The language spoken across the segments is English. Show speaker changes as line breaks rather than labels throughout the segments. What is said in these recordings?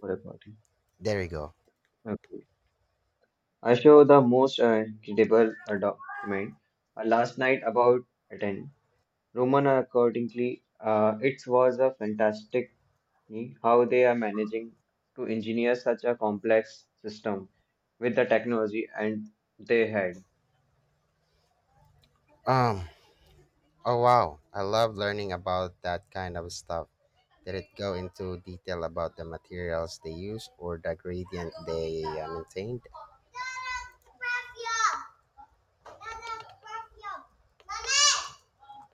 For a party.
There we go.
Okay. I show the most incredible document last night about Athens. Roman accordingly, it was a fantastic thing how they are managing to engineer such a complex system with the technology and they had.
Um. Oh, wow, I love learning about that kind of stuff. Did it go into detail about the materials they use or the gradient they maintained?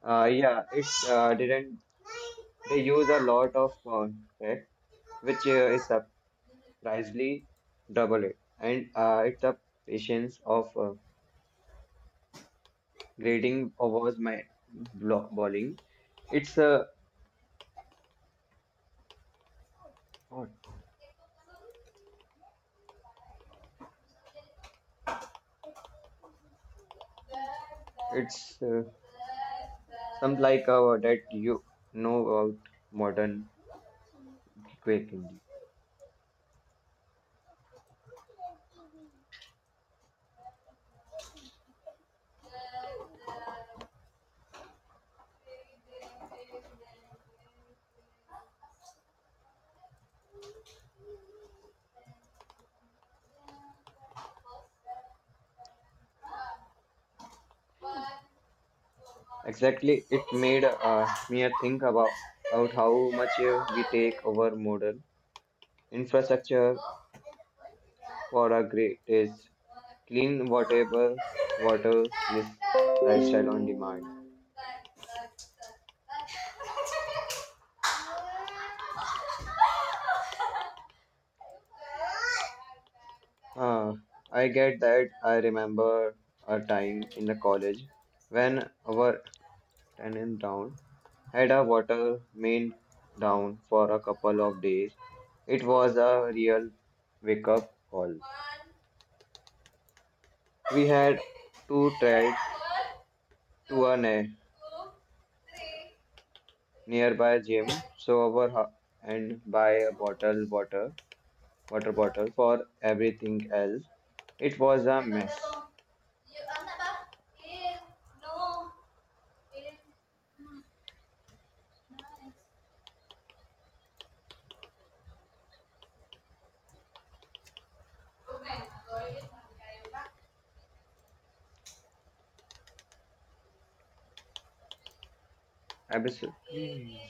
Yeah, it didn't. They use a lot of concrete, which is surprisingly double it, and it's a patience of grading was my bowling. It's what? It's some like that you know about modern quaking. Exactly, it made me think about how much we take
아
over modern infrastructure for our great is clean whatever water list lifestyle on demand.
네.
Huh, I get that. I remember a time in the college when our tenant down. Had a water main down for a couple of days. It was a real wake up call. We had to try to a nearby gym, so our and buy a bottle water bottle for everything else. It was a mess. Absolutely.